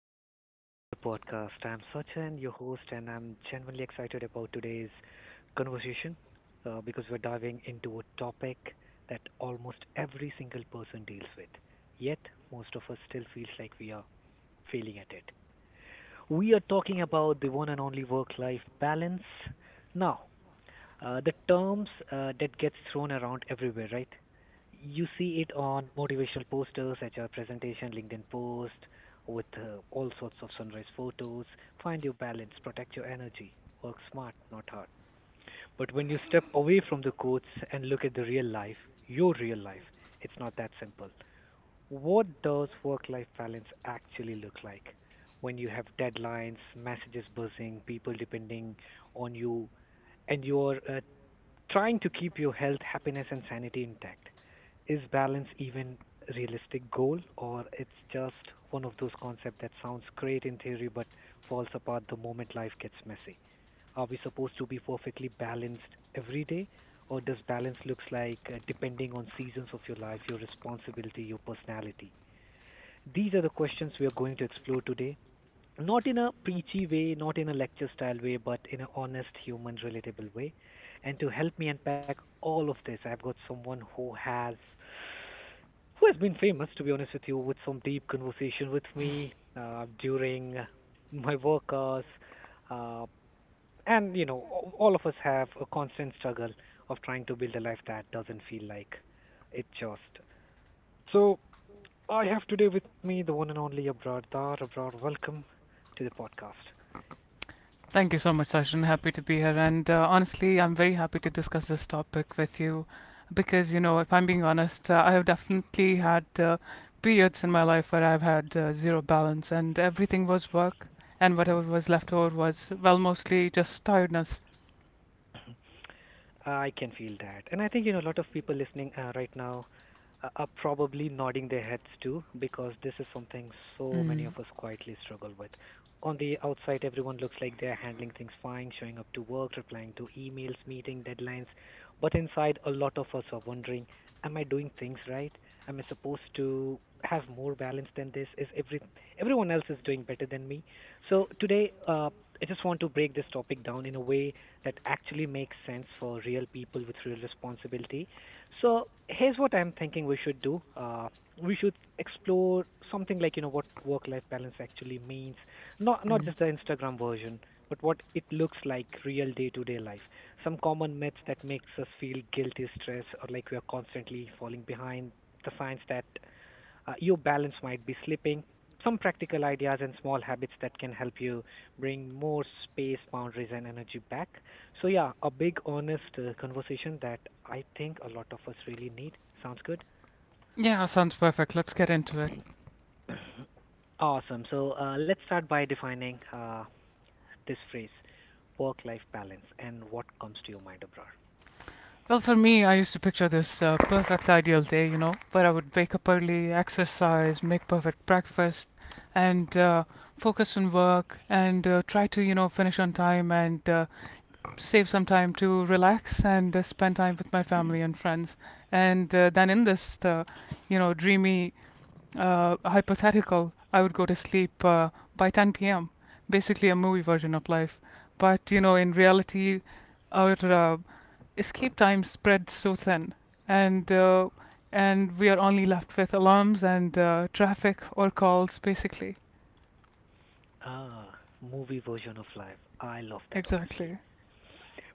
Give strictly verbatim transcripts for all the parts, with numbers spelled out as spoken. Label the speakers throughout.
Speaker 1: and welcome to the podcast. I'm Sachin, your host, and I'm genuinely excited about today's conversation uh, because we're diving into a topic that almost every single person deals with, yet, most of us still feels like we are failing at it. We are talking about the one and only work life balance. Now, uh, the terms uh, that gets thrown around everywhere, right? You see it on motivational posters at your presentation, LinkedIn post, with uh, all sorts of sunrise photos. Find your balance, protect your energy, work smart, not hard. But when you step away from the quotes and look at the real life, your real life, it's not that simple. What does work life balance actually look like when you have deadlines, messages buzzing, people depending on you, and your uh, trying to keep your health, happiness, and sanity intact. Is balance even a realistic goal, or it's just one of those concepts that sounds great in theory but falls apart the moment life gets messy? Are we supposed to be perfectly balanced every day, or does balance looks like uh, depending on seasons of your life, your responsibility, your personality? These are the questions we are going to explore today, not in a preachy way, not in a lecture style way, but in an honest, human, relatable way. And to help me unpack all of this, I've got someone who has who has been famous, to be honest with you, with some deep conversation with me uh, during my work hours. Uh, and, you know, a- all of us have a constant struggle of trying to build a life that doesn't feel like it just. So I have today with me the one and only Abrar Dar. Abrar, welcome to the podcast.
Speaker 2: Thank you so much, Sachin. Happy to be here. And uh, honestly, I'm very happy to discuss this topic with you because, you know, if I'm being honest, uh, I have definitely had uh, periods in my life where I've had uh, zero balance and everything was work, and whatever was left over was, well, mostly just tiredness.
Speaker 1: I can feel that. And I think, you know, a lot of people listening uh, right now uh, are probably nodding their heads too, because this is something so many
Speaker 2: Mm.
Speaker 1: of us quietly struggle with. On the outside, everyone looks like they're handling things fine, showing up to work, replying to emails, meeting deadlines. But inside, a lot of us are wondering, am I doing things right? Am I supposed to have more balance than this? Is every everyone else is doing better than me? So today, uh, I just want to break this topic down in a way that actually makes sense for real people with real responsibility. So here's what I'm thinking we should do. Uh, we should explore something like, you know, what work-life balance actually means, not not just the
Speaker 2: Mm.
Speaker 1: Instagram version, but what it looks like real day-to-day life. Some common myths that makes us feel guilty, stress, or like we are constantly falling behind. The signs that uh, your balance might be slipping. Some practical ideas and small habits that can help you bring more space, boundaries, and energy back. So, yeah, a big, honest uh, conversation that I think a lot of us really need. Sounds good?
Speaker 2: Yeah, sounds perfect. Let's get into it.
Speaker 1: Awesome. So, uh, let's start by defining uh, this phrase work life balance and what comes to your mind, Abrar.
Speaker 2: Well, for me, I used to picture this uh, perfect ideal day, you know, where I would wake up early, exercise, make perfect breakfast, and uh, focus on work and uh, try to, you know, finish on time and uh, save some time to relax and uh, spend time with my family and friends. And uh, then in this, uh, you know, dreamy uh, hypothetical, I would go to sleep uh, by ten p m, basically a movie version of life. But, you know, in reality, our uh, escape time spread so thin, and uh, and we are only left with alarms and uh, traffic or calls, basically.
Speaker 1: Ah, movie version of life. I love that, honestly.
Speaker 2: Exactly.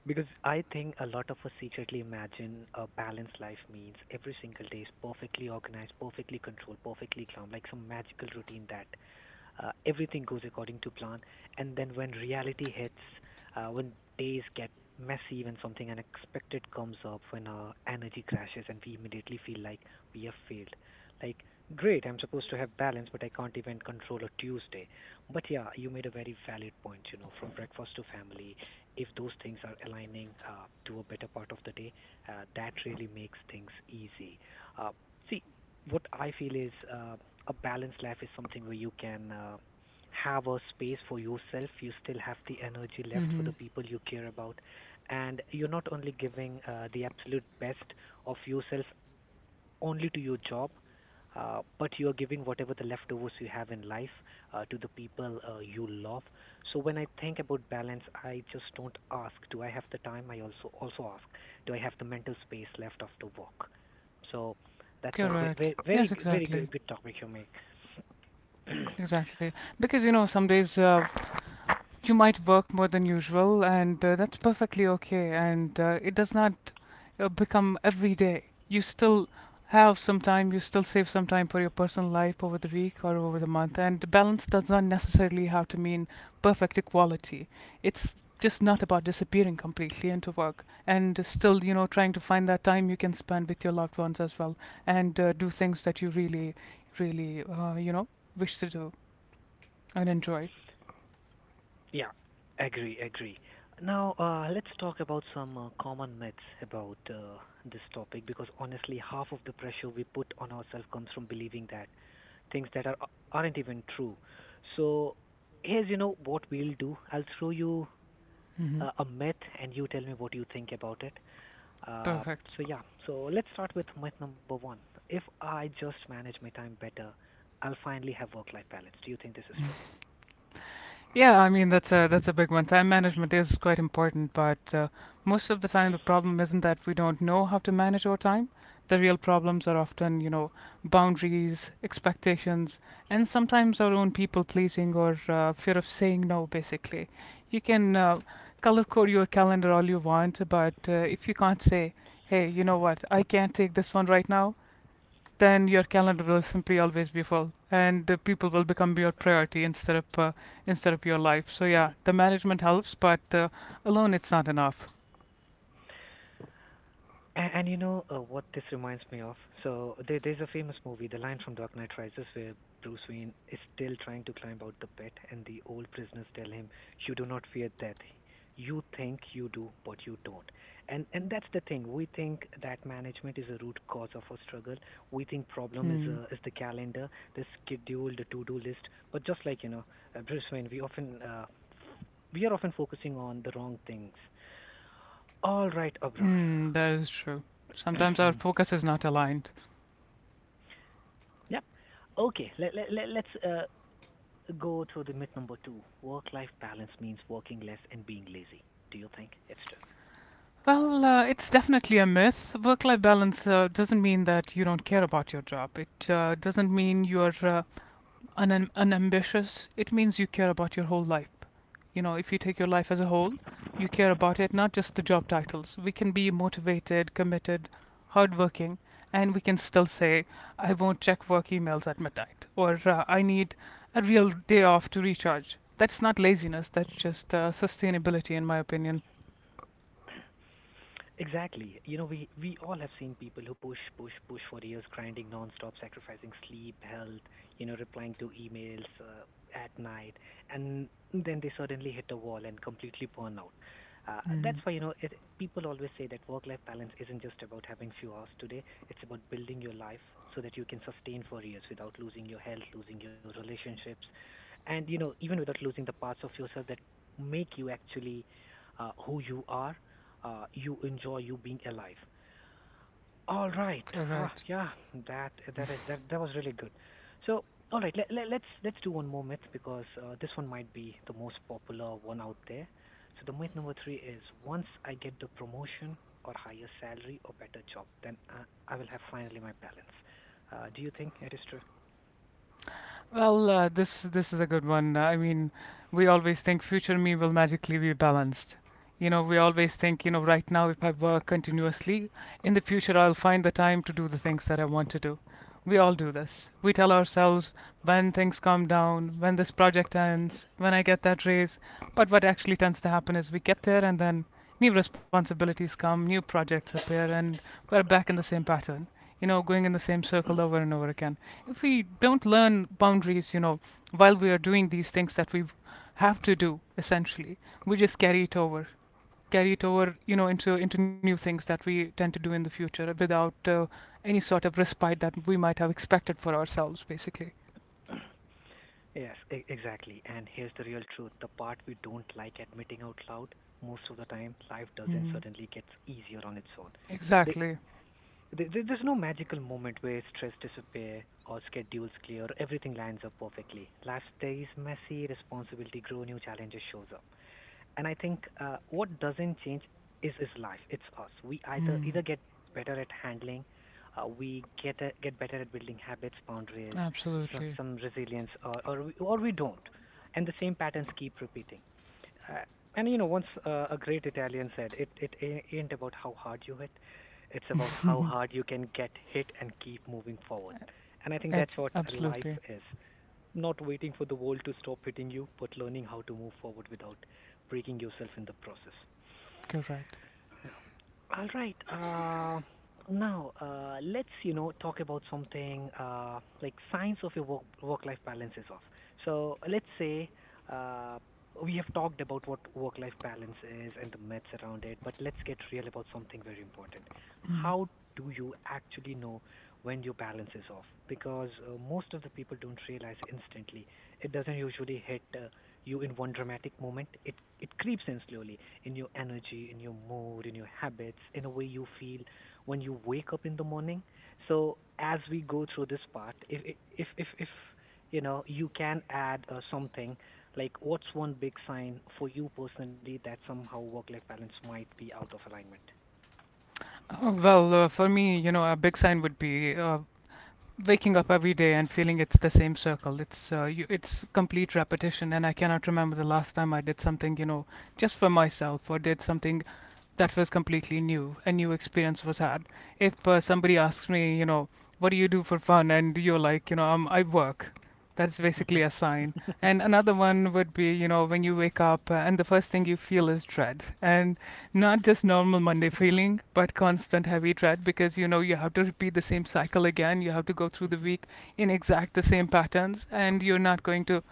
Speaker 1: Because I think a lot of us secretly imagine a balanced life means every single day is perfectly organized, perfectly controlled, perfectly calm, like some magical routine that uh, everything goes according to plan. And then when reality hits, uh, when days get messy, when something unexpected comes up, when our energy crashes, and we immediately feel like we have failed. Like, great, I'm supposed to have balance, but I can't even control a Tuesday. But yeah, you made a very valid point, you know, from breakfast to family, if those things are aligning uh, to a better part of the day, uh, that really makes things easy. Uh, See, what I feel is uh, a balanced life is something where you can uh, have a space for yourself, you still have the energy left for
Speaker 2: Mm-hmm.
Speaker 1: the people you care about, and you're not only giving uh, the absolute best of yourself only to your job, uh, but you're giving whatever the leftovers you have in life uh, to the people uh, you love. So when I think about balance, I just don't ask, do I have the time? I also also ask, do I have the mental space left after work? So that's a very
Speaker 2: Correct.
Speaker 1: ve- very
Speaker 2: Yes,
Speaker 1: g- very
Speaker 2: exactly.
Speaker 1: good, good topic you make.
Speaker 2: Exactly. Because you know, some days uh, you might work more than usual, and uh, that's perfectly okay. And uh, it does not uh, become every day. You still have some time, you still save some time for your personal life over the week or over the month. And balance does not necessarily have to mean perfect equality. It's just not about disappearing completely into work and still, you know, trying to find that time you can spend with your loved ones as well and uh, do things that you really, really, uh, you know, wish to do and enjoy.
Speaker 1: Yeah, agree, agree. Now, uh, let's talk about some uh, common myths about uh, this topic, because honestly, half of the pressure we put on ourselves comes from believing that things that are uh, aren't even true. So, here's, you know, what we'll do. I'll throw you
Speaker 2: Hmm.
Speaker 1: uh, a myth, and you tell me what you think about it. Uh,
Speaker 2: Perfect.
Speaker 1: so yeah, so let's start with myth number one. If I just manage my time better, I'll finally have work-life balance. Do you think this is
Speaker 2: Yeah, I mean that's a that's a big one. Time management is quite important, but uh, most of the time the problem isn't that we don't know how to manage our time. The real problems are often, you know, boundaries, expectations, and sometimes our own people pleasing or uh, fear of saying no. Basically, you can uh, color code your calendar all you want, but uh, if you can't say, "Hey, you know what? I can't take this one right now," then your calendar will simply always be full and the people will become your priority instead of uh, instead of your life. So yeah, the management helps, but uh, alone it's not enough.
Speaker 1: And, and you know, uh, what this reminds me of? So there, there's a famous movie, The Line from Dark Knight Rises, where Bruce Wayne is still trying to climb out the pit, and the old prisoners tell him, "You do not fear death. You think you do, but you don't." And and that's the thing. We think that management is a root cause of our struggle. We think problem is
Speaker 2: Mm.
Speaker 1: a is the calendar, the schedule, the to-do list. But just like, you know, uh, Bruce Wayne, we often uh, we are often focusing on the wrong things. All right, Abrar.
Speaker 2: Mm, that is true. Sometimes our focus is not aligned.
Speaker 1: Yep. Okay, let, let, let, let's uh, go through the myth number two. Work life balance means working less and being lazy. Do you think it's true?
Speaker 2: Well, uh, it's definitely a myth. Work life balance uh, doesn't mean that you don't care about your job. It uh, doesn't mean you're uh, un- unambitious, it means you care about your whole life. You know, if you take your life as a whole, you care about it, not just the job titles. We can be motivated, committed, hardworking, and we can still say, I won't check work emails at midnight, or uh, I need a real day off to recharge. That's not laziness, that's just uh, sustainability, in my opinion.
Speaker 1: Exactly. You know, we we all have seen people who push, push, push for years, grinding nonstop, sacrificing sleep, health, you know, replying to emails uh, at night, and then they suddenly hit a wall and completely burn out. Uh, that's
Speaker 2: Mm.
Speaker 1: why, you know, it, people always say that work-life balance isn't just about having few hours today. It's about building your life so that you can sustain for years without losing your health, losing your relationships, and you know, even without losing the parts of yourself that make you actually uh, who you are, uh, you enjoy you being alive. All right. Ah,
Speaker 2: Correct.
Speaker 1: yeah, that that is that that was really good. So, all right, let, let, let's let's do one more myth, because uh, this one might be the most popular one out there. So the myth number three is, once I get the promotion or higher salary or better job, then I, I will have finally my balance. Uh, do you think it is true?
Speaker 2: Well, uh, this this is a good one. Uh, I mean, we always think future me will magically be balanced. You know, we always think, you know, right now if I work continuously, in the future I'll find the time to do the things that I want to do. We all do this. We tell ourselves when things calm down, when this project ends, when I get that raise. But what actually tends to happen is we get there and then new responsibilities come, new projects appear, and we're back in the same pattern. You know, going in the same circle over and over again, if we don't learn boundaries, you know, while we are doing these things that we have to do, essentially, we just carry it over, carry it over, you know, into into new things that we tend to do in the future without uh, any sort of respite that we might have expected for ourselves, basically.
Speaker 1: Yes, e- exactly. And here's the real truth, the part we don't like admitting out loud. Most of the time, life doesn't
Speaker 2: Mm.
Speaker 1: suddenly get easier on its own. Th-
Speaker 2: Exactly.
Speaker 1: There, there- there's no magical moment where stress disappears or schedules clear, everything lines up perfectly. Last day is messy, responsibility grow, new challenges shows up. And I think uh, what doesn't change is is life. It's us. We either either get better at handling, uh, we get a, get better at building habits, boundaries, some,
Speaker 2: Absolutely.
Speaker 1: some resilience, or, or we, or we don't. And the same patterns keep repeating. Uh, And you know, once uh, a great Italian said, "It it a- ain't about how hard you hit, it's about how hard you can get hit and keep moving forward." And I think that's
Speaker 2: Ab-
Speaker 1: what uh, life
Speaker 2: Absolutely.
Speaker 1: is. Not waiting for the world to stop hitting you, but learning how to move forward without breaking yourself in the process.
Speaker 2: Correct.
Speaker 1: All right. Uh, now, uh, let's, you know, talk about something uh, like signs of your work work-life balance is off. So let's say uh, we have talked about what work-life balance is and the myths around it, but let's get real about something very important. How do you actually know when your balance is off? Because uh, most of the people don't realize instantly. It doesn't usually hit uh, you in one dramatic moment. It it creeps in slowly in your energy, in your mood, in your habits, in a way you feel when you wake up in the morning. So as we go through this part, if if if if you know, you can add uh, something like, what's one big sign for you personally that somehow work-life balance might be out of alignment?
Speaker 2: Oh, well, uh, for me, you know, a big sign would be uh, waking up every day and feeling it's the same circle. It's uh, you, it's complete repetition, and I cannot remember the last time I did something, you know, just for myself or did something that was completely new. A new experience was had. If uh, somebody asks me, you know, what do you do for fun, and you're like, you know, um, I work. That's
Speaker 1: Mhm,
Speaker 2: basically a sign. And another one would be, you know, when you wake up uh, and the first thing you feel is dread. And not just normal Monday feeling, but constant heavy dread because, you know, you have to repeat the same cycle again. You have to go through the
Speaker 1: mhm.
Speaker 2: week in exact the same patterns. And you're not going to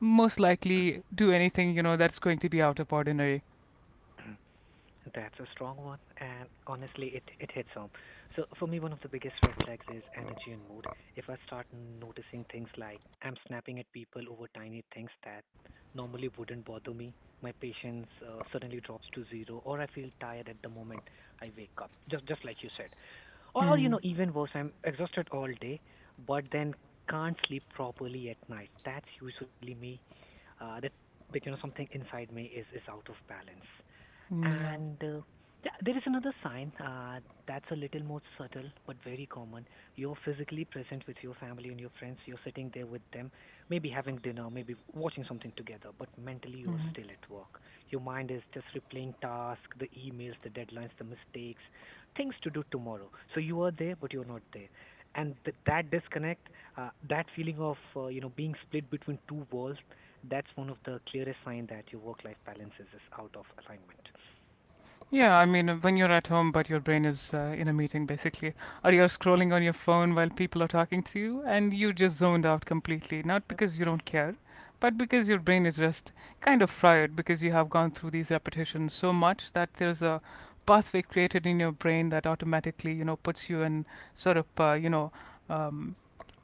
Speaker 2: most likely do anything, you know, that's going to be out of ordinary.
Speaker 1: That's a strong one, and honestly, it, it hits home. So, for me, one of the biggest red flags is energy and mood. If I start noticing things like I'm snapping at people over tiny things that normally wouldn't bother me, my patience uh, suddenly drops to zero, or I feel tired at the moment I wake up, just just like you said. Or, or you
Speaker 2: Mm.
Speaker 1: know, even worse, I'm exhausted all day, but then can't sleep properly at night. That's usually me. Uh, that, that you know, Something inside me is is out of balance.
Speaker 2: Mm, yeah.
Speaker 1: And uh, Yeah, there is another sign uh, that's a little more subtle but very common. You're physically present with your family and your friends. You're sitting there with them, maybe having dinner, maybe watching something together, but mentally you're
Speaker 2: Mm.
Speaker 1: still at work. Your mind is just replaying tasks, the emails, the deadlines, the mistakes, things to do tomorrow. So you are there, but you're not there. And th- that disconnect, uh, that feeling of uh, you know being split between two worlds, that's one of the clearest sign that your work-life balances is out of alignment.
Speaker 2: Yeah, I mean, uh, when you're at home, but your brain is uh, in a meeting, basically, or you're scrolling on your phone while people are talking to you, and you just zoned out completely. Not
Speaker 1: Yep.
Speaker 2: because you don't care, but because your brain is just kind of fried because you have gone through these repetitions so much that there's a pathway created in your brain that automatically, you know, puts you in sort of, uh, you know, um,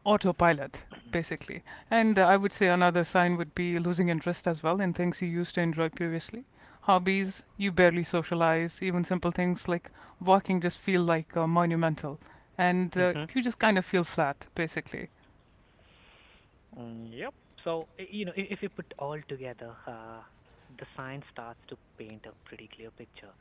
Speaker 2: autopilot, basically. And uh, I would say another sign would be losing interest as well in things you used to enjoy previously. Hobbies, you barely socialize, even simple things like walking just feel like uh, monumental. And uh,
Speaker 1: Mhm.
Speaker 2: you just kind of feel flat, basically.
Speaker 1: Mm, yep. So, i- you know, i- if you put all together, uh, the science starts to paint a pretty clear picture.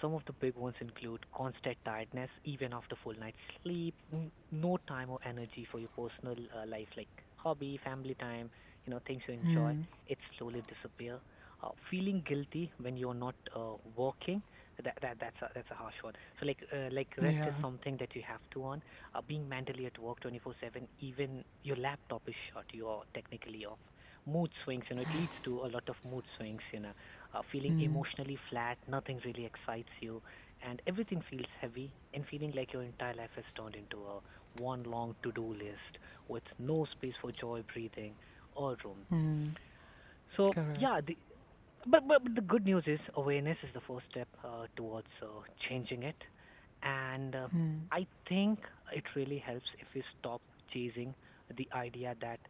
Speaker 1: Some of the big ones include constant tiredness, even after full night's sleep, n- no time or energy for your personal uh, life, like hobby, family time, you know, things you enjoy.
Speaker 2: Mm,
Speaker 1: It slowly disappear. Uh, feeling guilty when you're not uh, working, that, that that's a, that's a harsh one. So like uh, like rest is
Speaker 2: yeah.
Speaker 1: something that you have to earn. Uh, being mentally at work twenty-four seven, even your laptop is shut, you are technically off. Mood swings, you know, it leads to a lot of mood swings, you know, uh, feeling
Speaker 2: Mm.
Speaker 1: emotionally flat, nothing really excites you, and everything feels heavy, and feeling like your entire life has turned into a one long to do list with no space for joy, breathing, or room.
Speaker 2: Mm,
Speaker 1: So, yeah,
Speaker 2: correct.
Speaker 1: the, but, but but the good news is awareness is the first step uh, towards uh, changing it, and uh, I think it really helps if we stop chasing the idea that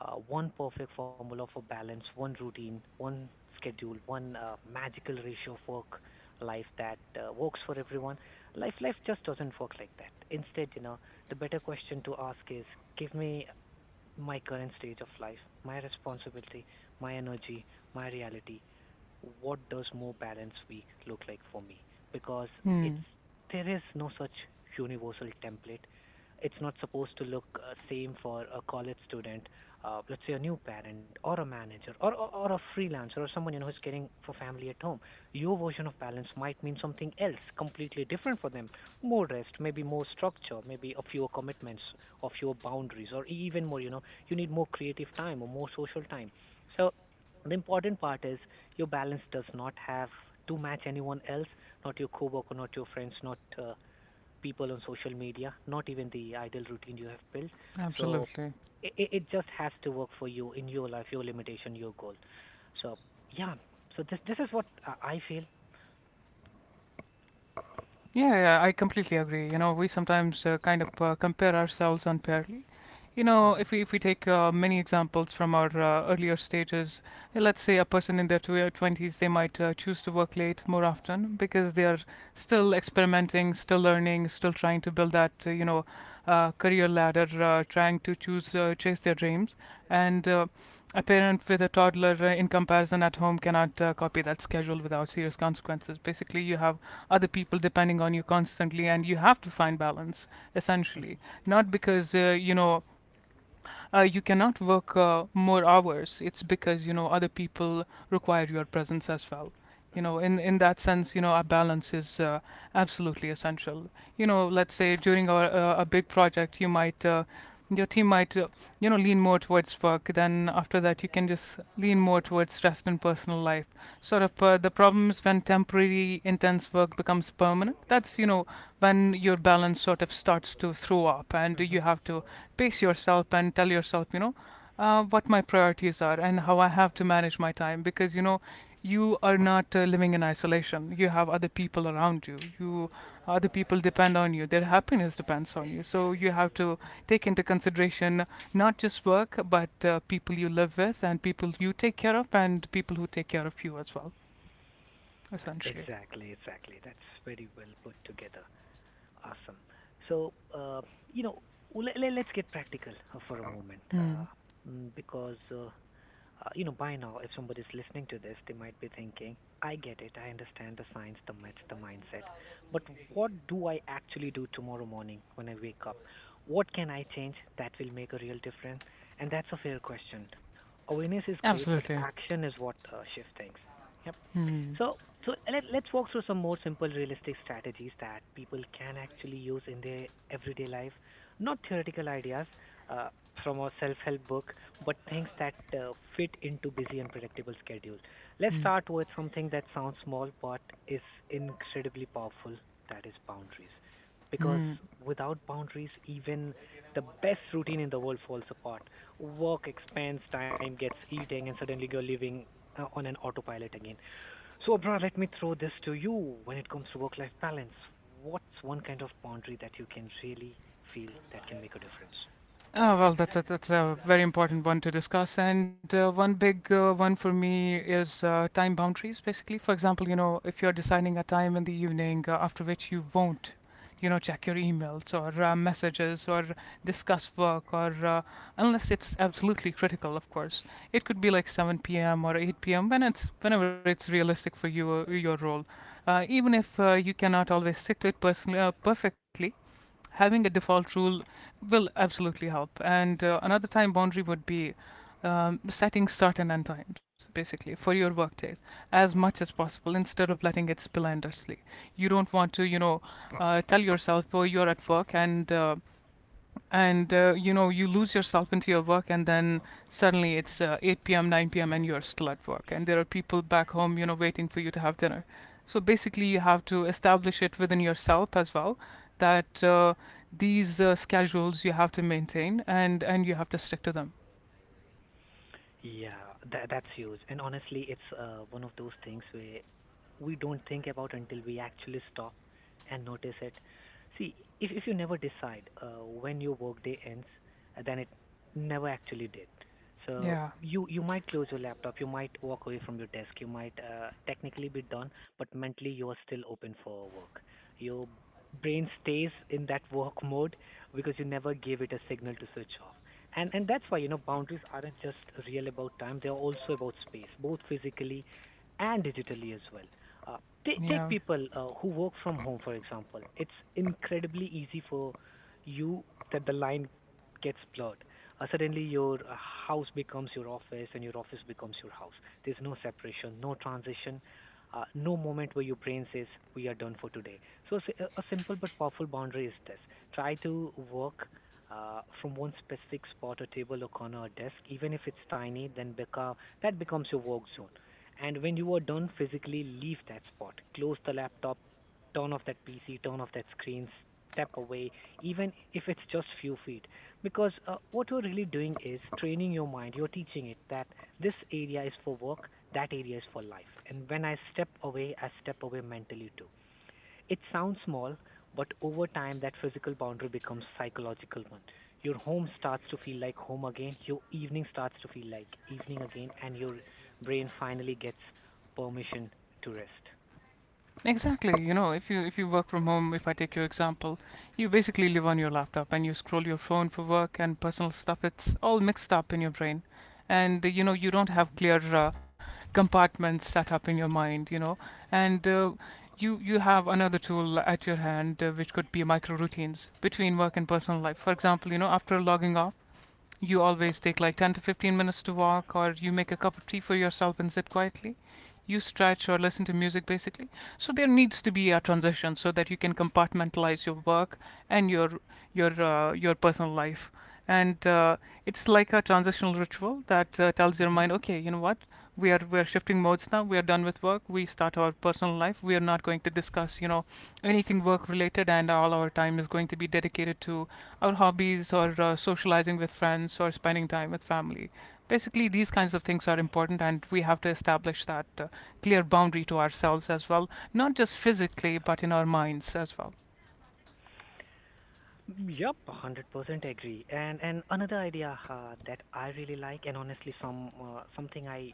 Speaker 1: uh, one perfect formula for balance, one routine, one schedule, one uh, magical ratio of work life that uh, works for everyone. Life life just doesn't work like that. Instead, you know, the better question to ask is, give me my current stage of life, my responsibility, my energy, my reality, what does more balanced week look like for me? Because it's
Speaker 2: Mm,
Speaker 1: there is no such universal template. It's not supposed to look uh, same for a college student, uh, let's say a new parent or a manager or, or or a freelancer or someone you know who's caring for family at home. Your version of balance might mean something else, completely different for them. More rest, maybe more structure, maybe a fewer commitments, or fewer boundaries, or even more. You know, you need more creative time or more social time. So the important part is your balance does not have to match anyone else, not your coworker, not your friends, not uh, people on social media, not even the idle routine you have built. So
Speaker 2: absolutely.
Speaker 1: it, it just has to work for you in your life, your limitation, your goal. So yeah, so this this is what uh, I feel.
Speaker 2: Yeah, yeah, I completely agree. You know, we sometimes uh, kind of uh, compare ourselves unfairly. You know,
Speaker 1: Hmm.
Speaker 2: if we if we take uh, many examples from our uh, earlier stages, uh, let's say a person in their twe- twenties, they might uh, choose to work late more often because they are still experimenting, still learning, still trying to build that uh, you know uh, career ladder, uh, trying to choose uh, chase their dreams. And uh, a parent with a toddler uh, in comparison at home cannot uh, copy that schedule without serious consequences. Basically, you have other people depending on you constantly and you have to find balance,
Speaker 1: Hmm.
Speaker 2: essentially, not because uh, you know uh, you cannot work uh, more hours. It's because you know other people require your presence as well. You know, in in that sense, you know, a balance is uh, absolutely essential. You know, let's say during a, a, a big project, you might. Uh, your team might, uh, you know, lean more towards work. Then after that, you can just lean more towards rest and personal life. Sort of uh, the problem is when temporary intense work becomes permanent. That's you know when your balance sort of starts to throw up, and
Speaker 1: Hmm.
Speaker 2: you have to pace yourself and tell yourself, you know, uh, what my priorities are and how I have to manage my time because you know you are not uh, living in isolation. You have other people around you. You other people depend on you. Their happiness depends on you. So you have to take into consideration not just work but uh, people you live with and people you take care of and people who take care of you as well. Essentially.
Speaker 1: Exactly, exactly. That's very well put together. Awesome. So, uh, you know, let, let, us get practical uh, for a moment,
Speaker 2: Mm.
Speaker 1: uh, mm, because uh, Uh, you know, by now, if somebody's listening to this, they might be thinking, I get it, I understand the science, the myths, the mindset. But what do I actually do tomorrow morning when I wake up? What can I change that will make a real difference? And that's a fair question. Awareness is great, but
Speaker 2: Absolutely.
Speaker 1: action is what uh, shifts things. Yep.
Speaker 2: Mm.
Speaker 1: So, so let, let's walk through some more simple, realistic strategies that people can actually use in their everyday life. Not theoretical ideas uh, from a self-help book, but things that uh, fit into busy and predictable schedules. Let's
Speaker 2: Mm.
Speaker 1: start with something that sounds small but is incredibly powerful. That is boundaries, because
Speaker 2: Mm.
Speaker 1: without boundaries, even the best routine in the world falls apart. Work expands, time gets eating, and suddenly you're living uh, on an autopilot again. So, Abra, let me throw this to you. When it comes to work-life balance, what's one kind of boundary that you can really feel that can make a difference?
Speaker 2: Oh, well, that's a, that's a very important one to discuss. And uh, one big uh, one for me is uh, time boundaries, basically. For example, you know, if you're deciding a time in the evening uh, after which you won't, you know, check your emails or uh, messages or discuss work or uh, unless it's absolutely critical, of course. It could be like seven p m or eight p m when it's whenever it's realistic for you uh, your role. Uh, even if uh, you cannot always stick to it personally uh, perfectly, having a default rule will absolutely help. And uh, another time boundary would be um, setting start and end times, basically, for your workdays as much as possible instead of letting it spill endlessly. You don't want to, you know, uh, tell yourself, oh, you're at work and uh, and uh, you know you lose yourself into your work and then suddenly it's uh, eight p m nine p m and you're still at work and there are people back home you know waiting for you to have dinner. So basically you have to establish it within yourself as well that uh, these uh, schedules you have to maintain and and you have to stick to them.
Speaker 1: Yeah, that that's huge. And honestly, it's uh, one of those things where we don't think about until we actually stop and notice it. See, if if you never decide uh, when your workday ends, uh, then it never actually did. So
Speaker 2: Yeah.
Speaker 1: you you might close your laptop, you might walk away from your desk, you might uh, technically be done, but mentally you are still open for work. Your brain stays in that work mode because you never gave it a signal to switch off, and and that's why you know boundaries aren't just real about time, they're also about space, both physically and digitally as well. uh, t- Take
Speaker 2: Yeah.
Speaker 1: people uh, who work from home, for example. It's incredibly easy for you that the line gets blurred. Uh, suddenly your uh, house becomes your office and your office becomes your house. There's no separation, no transition, uh, no moment where your brain says we are done for today. So s- a a simple but powerful boundary is this: try to work uh, from one specific spot, a table, a corner, a desk, even if it's tiny, then beca- that becomes your work zone. And when you are done physically, leave that spot. Close the laptop, turn off that P C, turn off that screen, step away, even if it's just few feet. Because uh, what you're really doing is training your mind, you're teaching it that this area is for work, that area is for life. And when I step away, I step away mentally too. It sounds small, but over time that physical boundary becomes psychological one. Your home starts to feel like home again, your evening starts to feel like evening again, and your brain finally gets permission to rest.
Speaker 2: Exactly. You know, if you if you work from home, if I take your example, you basically live on your laptop and you scroll your phone for work and personal stuff. It's all mixed up in your brain, and uh, you know you don't have
Speaker 1: Mm-hmm.
Speaker 2: clear uh, compartments set up in your mind. You know, and uh, you you have another tool at your hand, uh, which could be micro routines between work and personal life. For example, you know, after logging off, you always take like ten to fifteen minutes to walk, or you make a cup of tea for yourself and sit quietly. You stretch or listen to music basically. So there needs to be a transition so that you can compartmentalize your work and your your uh, your personal life. And uh, It's like a transitional ritual that uh, tells your mind, okay, you know what? We are we are shifting modes now. We are done with work. We start our personal life. We are not going to discuss, you know, anything work related, and all our time is going to be dedicated to our hobbies or uh, socializing with friends or spending time with family. Basically, these kinds of things are important, and we have to establish that uh, clear boundary to ourselves as well, not just physically, but in our minds as well.
Speaker 1: Yep, one hundred percent agree. And and another idea uh, that I really like, and honestly, some uh, something I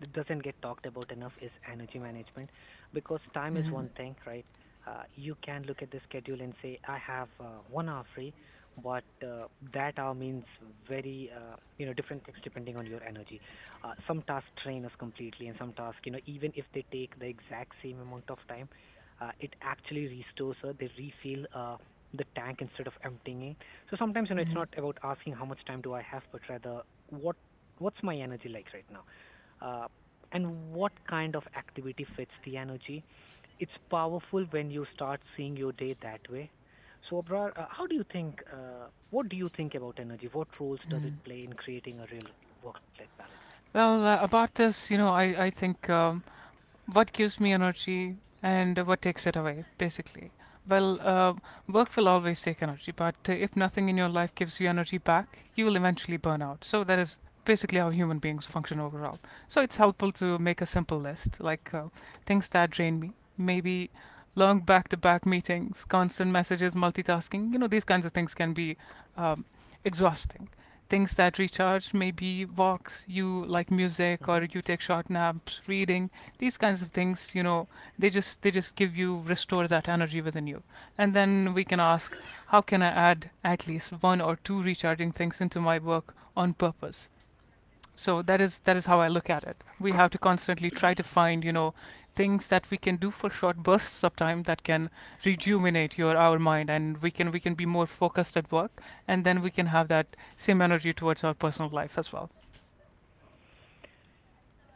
Speaker 1: that doesn't get talked about enough is energy management, because time is one thing, right? Uh, you can look at the schedule and say, I have uh, one hour free, but uh, that hour means very, uh, you know, different things depending on your energy. Uh, some tasks drain us completely, and some tasks, you know, even if they take the exact same amount of time, uh, it actually restores, uh, they refill uh, the tank instead of emptying it. So sometimes, you know, it's not about asking how much time do I have, but rather what what's my energy like right now, uh, and what kind of activity fits the energy. It's powerful when you start seeing your day that way. So, Abrar, uh, how do you think? Uh, what do you think about energy? What roles does it play in creating a real work-life balance?
Speaker 2: Well, uh, about this, you know, I, I think um, what gives me energy and what takes it away, basically. Well, uh, work will always take energy, but uh, if nothing in your life gives you energy back, you will eventually burn out. So that is basically how human beings function overall. So it's helpful to make a simple list, like uh, things that drain me, maybe long back-to-back meetings, constant messages, multitasking. You know, these kinds of things can be um, exhausting. Things that recharge, maybe walks. You like music, or you take short naps, reading, these kinds of things, you know, they just they just give you, restore that energy within you. And then we can ask, how can I add at least one or two recharging things into my work on purpose? So that is that is how I look at it. We have to constantly try to find, you know, things that we can do for short bursts of time that can rejuvenate your our mind, and we can we can be more focused at work, and then we can have that same energy towards our personal life as well.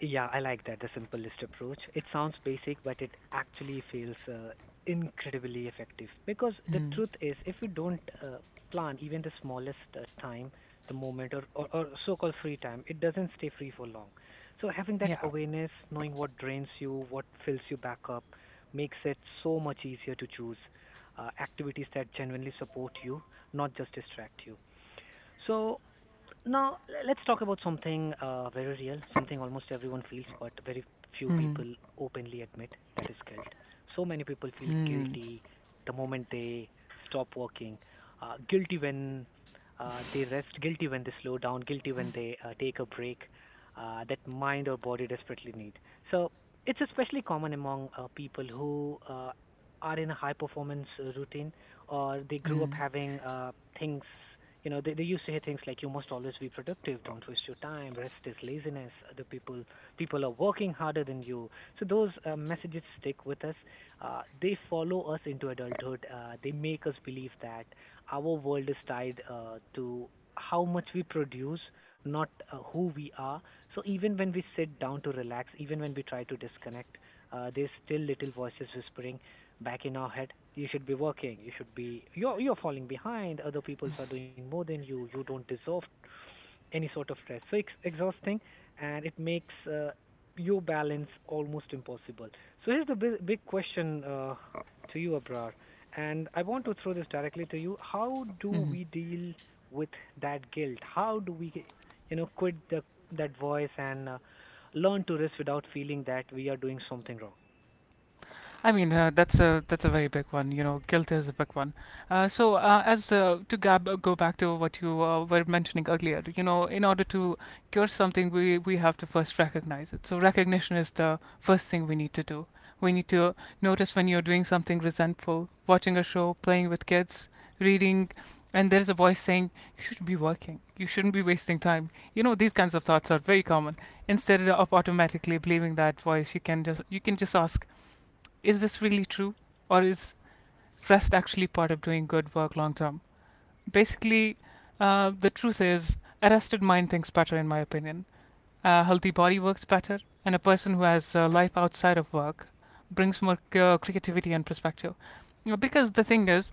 Speaker 1: Yeah, I like that, the simplest approach. It sounds basic, but it actually feels uh, incredibly effective. Because the
Speaker 2: Mm.
Speaker 1: truth is, if you don't uh, plan even the smallest uh, time, the moment, or, or, or so called free time, it doesn't stay free for long. So, having that
Speaker 2: Yeah.
Speaker 1: awareness, knowing what drains you, what fills you back up, makes it so much easier to choose uh, activities that genuinely support you, not just distract you. So, now, l- let's talk about something uh, very real, something almost everyone feels, but very few
Speaker 2: Mm.
Speaker 1: people openly admit, that is guilt. So many people feel
Speaker 2: Mm.
Speaker 1: guilty the moment they stop working, uh, guilty when uh, they rest, guilty when they slow down, guilty when they uh, take a break uh, that mind or body desperately need. So it's especially common among uh, people who uh, are in a high performance uh, routine, or they grew up
Speaker 2: Mm.
Speaker 1: having uh, things, you know, they, they used to hear things like you must always be productive, don't waste your time, rest is laziness, other people people are working harder than you. So those uh, messages stick with us. Uh, they follow us into adulthood. Uh, they make us believe that our world is tied uh, to how much we produce, not uh, who we are. So even when we sit down to relax, even when we try to disconnect, uh, there's still little voices whispering back in our head. You should be working, you should be, you're you're falling behind, other people are doing more than you, you don't deserve any sort of stress. So it's exhausting, and it makes uh, your balance almost impossible. So here's the big, big question, uh, to you, Abrar, and I want to throw this directly to you. How do
Speaker 2: Mm.
Speaker 1: we deal with that guilt? How do we you know quit the that voice and uh, learn to rest without feeling that we are doing something wrong?
Speaker 2: I mean, uh, that's a that's a very big one. You know, guilt is a big one. Uh, so, uh, as uh, to Gab, uh, go back to what you uh, were mentioning earlier. You know, in order to cure something, we we have to first recognize it. So, recognition is the first thing we need to do. We need to notice when you're doing something resentful, watching a show, playing with kids, reading, and there's a voice saying you should be working. You shouldn't be wasting time. You know, these kinds of thoughts are very common. Instead of automatically believing that voice, you can just you can just ask, is this really true, or is rest actually part of doing good work long term? Basically, uh, the truth is, a rested mind thinks better, in my opinion. A healthy body works better, and a person who has a life outside of work brings more uh, creativity and perspective. You know, because the thing is,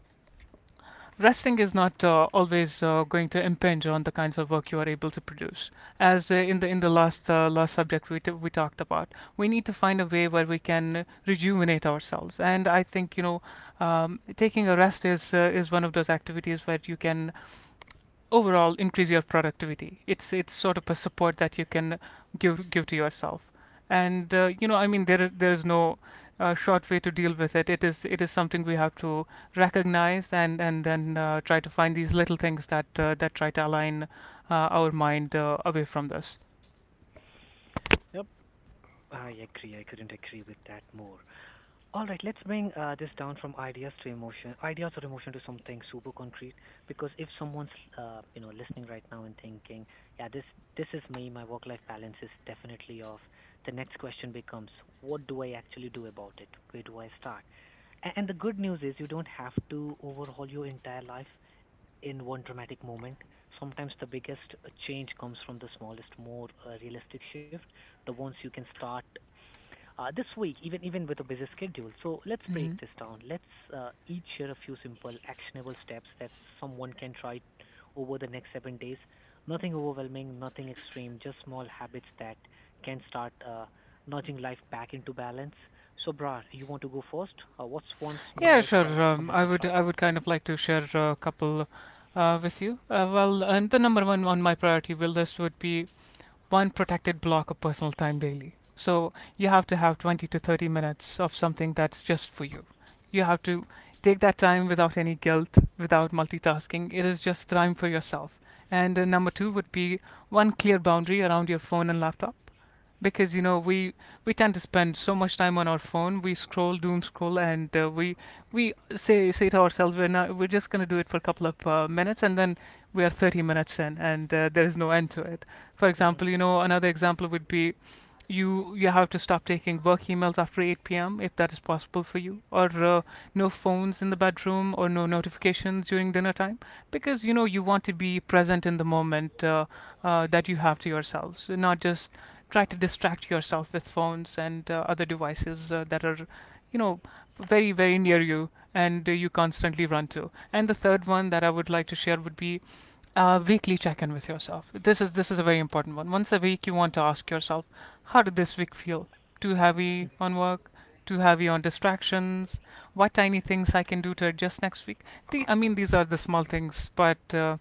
Speaker 2: resting is not uh, always uh, going to impinge on the kinds of work you are able to produce. As uh, In the in the last uh, last subject we, t- we talked about, we need to find a way where we can rejuvenate ourselves. And I think, you know, um, taking a rest is uh, is one of those activities where you can overall increase your productivity. It's it's sort of a support that you can give give to yourself. And uh, You know, I mean, there there is no uh, short way to deal with it. It is it is something we have to recognize, and and then uh, try to find these little things that uh, that try to align uh, our mind uh, away from this.
Speaker 1: Yep, I agree. I couldn't agree with that more. All right, let's bring uh, this down from ideas to emotion, ideas or emotion to something super concrete. Because if someone's, uh, you know, listening right now and thinking, "Yeah, this this is me. My work-life balance is definitely off," the next question becomes, "What do I actually do about it? Where do I start?" A- And the good news is, you don't have to overhaul your entire life in one dramatic moment. Sometimes the biggest uh, change comes from the smallest, more uh, realistic shift, the ones you can start uh, this week, even even with a busy schedule. So let's break
Speaker 2: Hmm.
Speaker 1: this down. Let's uh, each share a few simple, actionable steps that someone can try over the next seven days. Nothing overwhelming, nothing extreme, just small habits that can start uh, nudging life back into balance. So, Bra, you want to go first? Uh, what's one
Speaker 2: Yeah,
Speaker 1: small step
Speaker 2: sure. Um,
Speaker 1: someone
Speaker 2: I
Speaker 1: can
Speaker 2: would
Speaker 1: try?
Speaker 2: I would kind of like to share a couple uh, with you. Uh, well, and the number one on my priority will list would be one protected block of personal time daily. So you have to have twenty to thirty minutes of something that's just for you. You have to take that time without any guilt, without multitasking. It is just time for yourself. And uh, Number two would be one clear boundary around your phone and laptop, because you know we we tend to spend so much time on our phone. We scroll, doom scroll, and uh, we we say say to ourselves, we're not, we're just going to do it for a couple of uh, minutes, and then we are thirty minutes in, and uh, there is no end to it. For
Speaker 1: Hmm.
Speaker 2: example, you know, another example would be, you you have to stop taking work emails after eight p m if that is possible for you, or uh, no phones in the bedroom, or no notifications during dinner time, because you know you want to be present in the moment uh, uh, that you have to yourselves, not just try to distract yourself with phones and uh, other devices uh, that are, you know, very very near you, and uh, you constantly run to. And the third one that I would like to share would be uh, weekly check-in with yourself. This is this is a very important one. Once a week you want to ask yourself, how did this week feel? Too heavy on work? Too heavy on distractions? What tiny things I can do to adjust next week? the, I mean, these are the small things, but uh,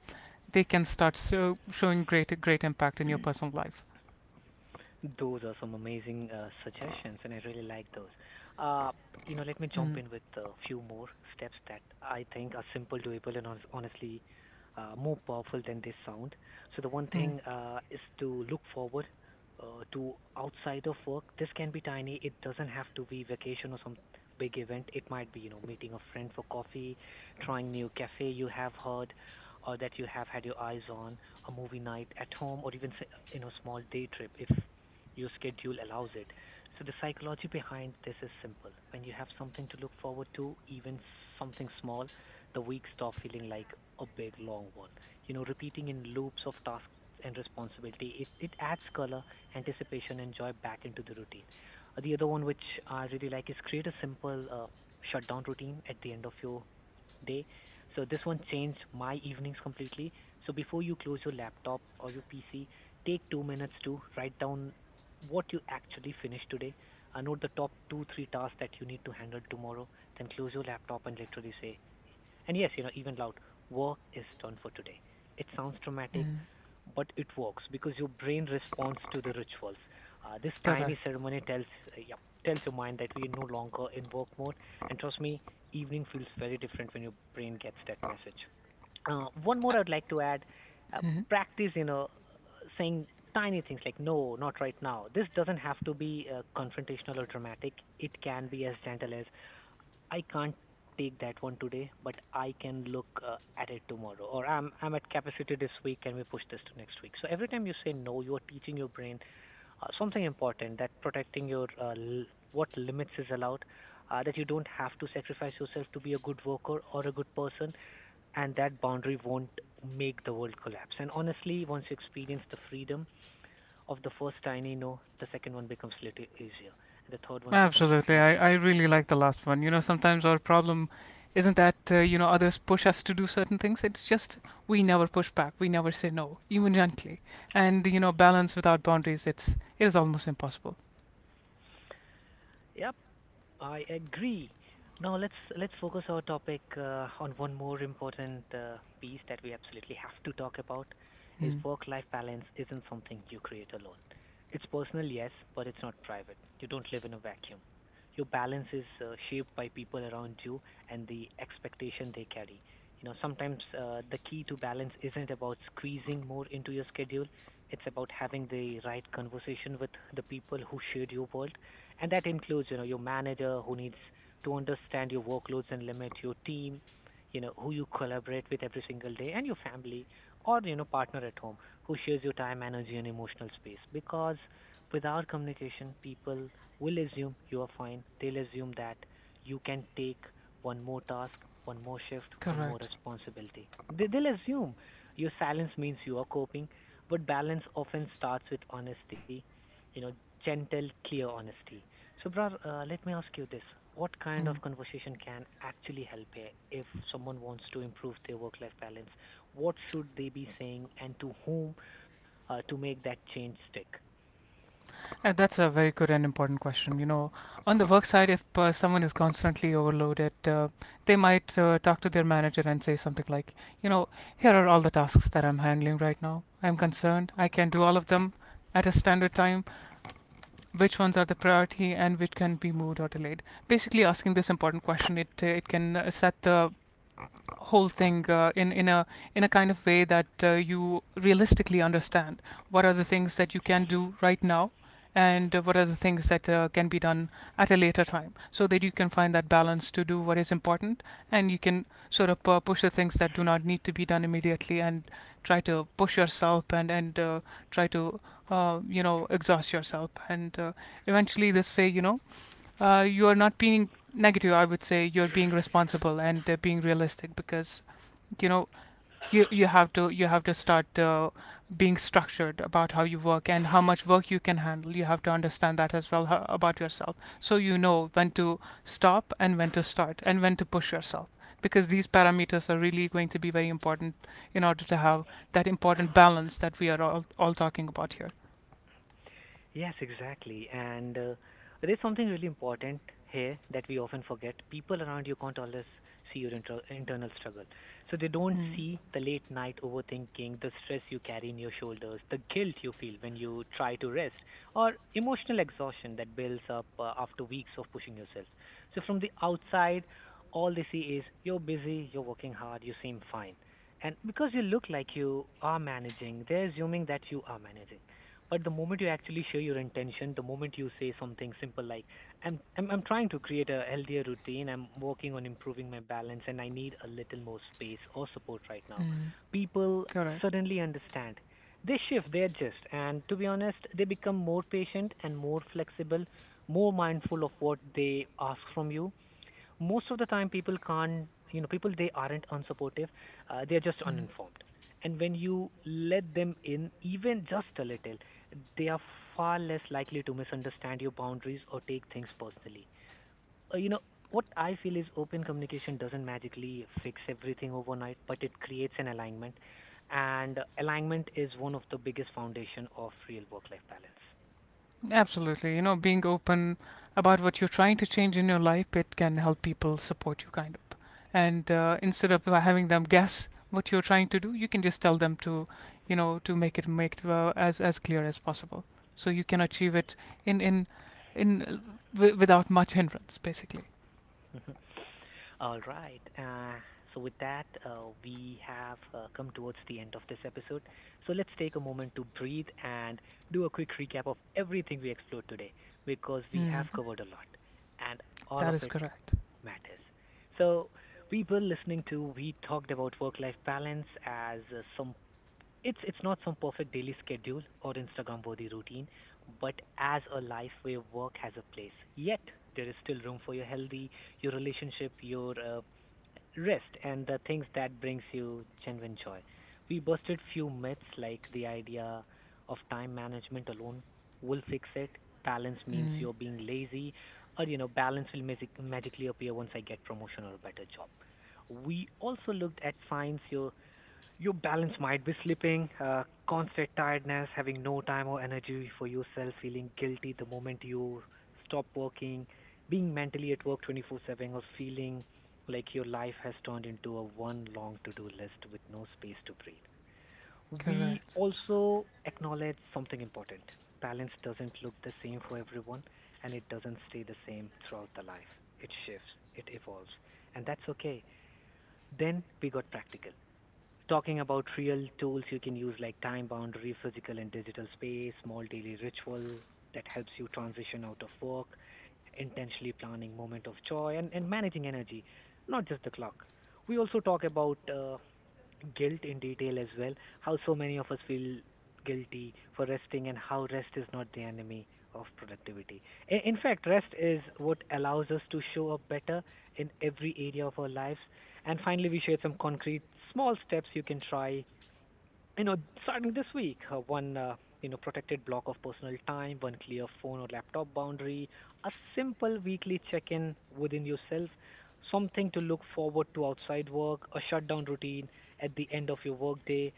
Speaker 2: they can start so showing great great impact in your personal life.
Speaker 1: Those are some amazing uh, suggestions, and I really like those. Uh, you know, let me jump
Speaker 2: Mm.
Speaker 1: in with a few more steps that I think are simple, doable, and hon- honestly uh, more powerful than they sound. So the one
Speaker 2: Mm.
Speaker 1: thing uh, is to look forward uh, to outside of work. This can be tiny. It doesn't have to be vacation or some big event. It might be, you know, meeting a friend for coffee, trying new cafe you have heard or that you have had your eyes on, a movie night at home, or even s- you know small day trip if your schedule allows it. So the psychology behind this is simple. When you have something to look forward to, even something small, the week stop feeling like a big long one. You know, repeating in loops of tasks and responsibility, it, it adds color, anticipation, and joy back into the routine. Uh, the other one which I really like is create a simple uh, shutdown routine at the end of your day. So this one changed my evenings completely. So before you close your laptop or your P C, take two minutes to write down what you actually finished today. Uh, note the top two, three tasks that you need to handle tomorrow. Then close your laptop and literally say, and yes, you know, even loud, work is done for today. It sounds dramatic,
Speaker 2: Mm,
Speaker 1: but it works because your brain responds to the rituals. Uh, this tiny
Speaker 2: correct.
Speaker 1: ceremony tells, uh, yep, tells your mind that we are no longer in work mode. And trust me, evening feels very different when your brain gets that message. Uh, one more I'd like to add, uh,
Speaker 2: Mhm.
Speaker 1: practice, you know, saying tiny things like, no, not right now. This doesn't have to be uh, confrontational or dramatic. It can be as gentle as, I can't take that one today, but I can look uh, at it tomorrow. Or I'm I'm at capacity this week. Can we push this to next week? So every time you say no, you are teaching your brain uh, something important, that protecting your uh, l- what limits is allowed. Uh, that you don't have to sacrifice yourself to be a good worker or a good person, and that boundary won't make the world collapse. And honestly, once you experience the freedom of the first tiny no, the second one becomes little easier, and the third one becomes
Speaker 2: Absolutely.
Speaker 1: almost
Speaker 2: I, I
Speaker 1: natural.
Speaker 2: really like the last one. You know, sometimes our problem isn't that, uh, you know, others push us to do certain things. It's just we never push back. We never say no, even gently. And, you know, balance without boundaries, it's, it is almost impossible.
Speaker 1: Yeah, I agree. Now let's let's focus our topic uh, on one more important uh, piece that we absolutely have to talk about, is
Speaker 2: Mm.
Speaker 1: work-life balance isn't something you create alone. It's personal, yes, but it's not private. You don't live in a vacuum. Your balance is uh, shaped by people around you and the expectation they carry. You know, sometimes uh, the key to balance isn't about squeezing more into your schedule. It's about having the right conversation with the people who shared your world, and that includes, you know, your manager who needs to understand your workloads and limit your team, you know, who you collaborate with every single day, and your family or, you know, partner at home who shares your time, energy, and emotional space. Because without communication, people will assume you are fine. They'll assume that you can take one more task, one more shift, one more
Speaker 2: Correct.
Speaker 1: responsibility. They, they'll assume your silence means you are coping, but balance often starts with honesty, you know, gentle, clear honesty. Subrar, uh, let me ask you this. What kind
Speaker 2: Mm.
Speaker 1: of conversation can actually help here if someone wants to improve their work life balance? What should they be saying, and to whom uh, to make that change stick?
Speaker 2: Uh, that's a very good and important question. You know, on the work side, if uh, someone is constantly overloaded, uh, they might uh, talk to their manager and say something like, you know, here are all the tasks that I'm handling right now. I'm concerned. I can do all of them at a standard time. Which ones are the priority and which can be moved or delayed? Basically, asking this important question, it uh, it can uh, set the whole thing uh, in in a in a kind of way that uh, you realistically understand what are the things that you can do right now, and uh, what are the things that uh, can be done at a later time, so that you can find that balance to do what is important, and you can sort of uh, push the things that do not need to be done immediately, and try to push yourself, and and uh, try to uh, you know, exhaust yourself, and uh, eventually this way, you know, uh, you are not being negative. I would say you're being responsible and uh, being realistic, because you know, you you have to, you have to start uh, being structured about how you work and how much work you can handle. You have to understand that as well, ho- about yourself, so you know when to stop and when to start and when to push yourself, because these parameters are really going to be very important in order to have that important balance that we are all, all talking about here.
Speaker 1: Yes, exactly. And uh, there's something really important here that we often forget. People around you can't always see your inter- internal struggle. So they don't
Speaker 2: Mm.
Speaker 1: see the late night overthinking, the stress you carry in your shoulders, the guilt you feel when you try to rest, or emotional exhaustion that builds up uh, after weeks of pushing yourself. So from the outside, all they see is you're busy, you're working hard, you seem fine. And because you look like you are managing, they're assuming that you are managing. But the moment you actually share your intention, the moment you say something simple like, I'm, I'm, I'm trying to create a healthier routine, I'm working on improving my balance, and I need a little more space or support right now, people
Speaker 2: Correct.
Speaker 1: suddenly understand. They shift, they adjust, and to be honest, they become more patient and more flexible, more mindful of what they ask from you. Most of the time people can't, you know, people they aren't unsupportive, uh, they're just uninformed. And when you let them in, even just a little, they are far less likely to misunderstand your boundaries or take things personally. Uh, you know, what I feel is open communication doesn't magically fix everything overnight, but it creates an alignment, and alignment is one of the biggest foundation of real work life balance.
Speaker 2: Absolutely. You know, being open about what you're trying to change in your life, it can help people support you kind of. And uh, instead of uh, having them guess what you're trying to do, you can just tell them to, you know, to make it make it, uh, as as clear as possible, so you can achieve it in in in uh, w- without much hindrance, basically.
Speaker 1: Mhm. All right. Uh, so, with that, uh, we have uh, come towards the end of this episode. So, let's take a moment to breathe and do a quick recap of everything we explored today, because we have
Speaker 2: Mm,
Speaker 1: covered a lot, and all
Speaker 2: that
Speaker 1: of
Speaker 2: is
Speaker 1: it
Speaker 2: correct.
Speaker 1: matters. So, people listening to, we talked about work life balance as uh, some it's it's not some perfect daily schedule or Instagram worthy routine, but as a life where work has a place. Yet there is still room for your healthy, your relationship, your uh, rest, and the things that brings you genuine joy. We busted few myths like the idea of time management alone will fix it. Balance means
Speaker 2: Mm,
Speaker 1: you're being lazy, or you know balance will magic- magically appear once I get promotion or a better job. We also looked at signs your your balance might be slipping, uh, constant tiredness, having no time or energy for yourself, feeling guilty the moment you stop working, being mentally at work twenty-four seven, or feeling like your life has turned into a one long to-do list with no space to breathe. We
Speaker 2: correct.
Speaker 1: also acknowledge something important. Balance doesn't look the same for everyone, and it doesn't stay the same throughout the life. It shifts, it evolves, and that's okay. Then we got practical, talking about real tools you can use like time boundary, physical and digital space, small daily ritual that helps you transition out of work, intentionally planning moment of joy, and, and managing energy, not just the clock. We also talk about uh, guilt in detail as well. How so many of us feel guilty for resting, and how rest is not the enemy of productivity. In, in fact, rest is what allows us to show up better in every area of our lives. And finally, we shared some concrete small steps you can try, you know, starting this week, uh, one uh, you know protected block of personal time, one clear phone or laptop boundary, a simple weekly check-in within yourself, something to look forward to outside work, a shutdown routine at the end of your workday,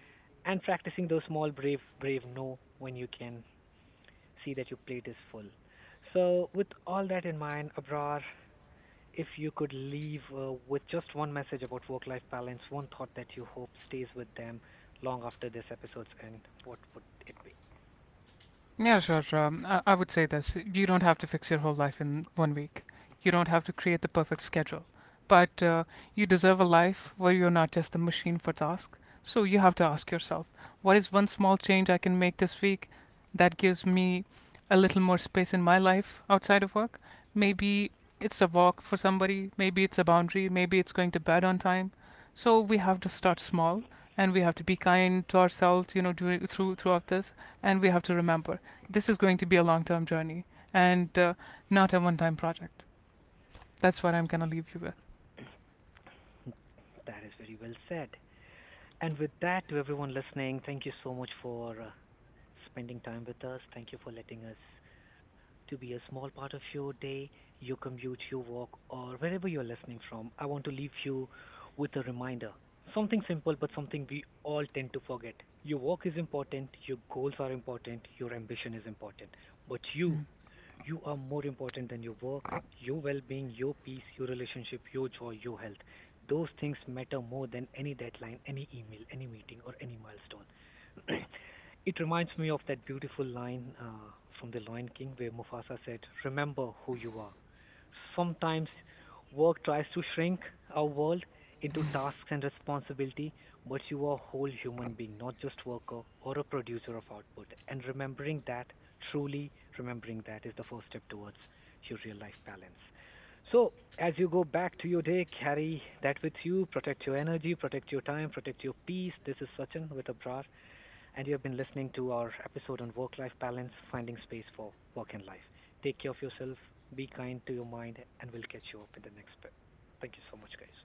Speaker 1: and practicing those small brave brave no when you can see that your plate is full. So with all that in mind, Abrar, if you could leave uh, with just one message about work life balance, one thought that you hope stays with them long after this episode's end, what would it be?
Speaker 2: Yeah, sure. sure. Um, I, I would say this. You don't have to fix your whole life in one week. You don't have to create the perfect schedule. But uh, you deserve a life where you're not just a machine for tasks. So you have to ask yourself, what is one small change I can make this week that gives me a little more space in my life outside of work? Maybe it's a walk for somebody, maybe it's a boundary, maybe it's going to bed on time. So we have to start small, and we have to be kind to ourselves, you know, during, through, throughout this. And we have to remember this is going to be a long term journey, and uh, not a one time project. That's what I'm going to leave you with.
Speaker 1: That is very well said. And with that, to everyone listening, thank you so much for uh, spending time with us. Thank you for letting us to be a small part of your day, your commute, your walk, or wherever you're listening from. I want to leave you with a reminder. Something simple, but something we all tend to forget. Your work is important, your goals are important, your ambition is important. But you,
Speaker 2: Mm.
Speaker 1: you are more important than your work, your well being, your peace, your relationship, your joy, your health. Those things matter more than any deadline, any email, any meeting, or any milestone. It reminds me of that beautiful line uh, from The Lion King where Mufasa said, Remember who you are. Sometimes work tries to shrink our world into tasks and responsibility, but you are a whole human being, not just worker or a producer of output. And remembering that, truly remembering that, is the first step towards your real life balance. So, as you go back to your day, carry that with you. Protect your energy, protect your time, protect your peace. This is Sachin with Abrar, and you have been listening to our episode on work life balance, finding space for work and life. Take care of yourself, be kind to your mind, and we'll catch you up in the next bit. Thank you so much, guys.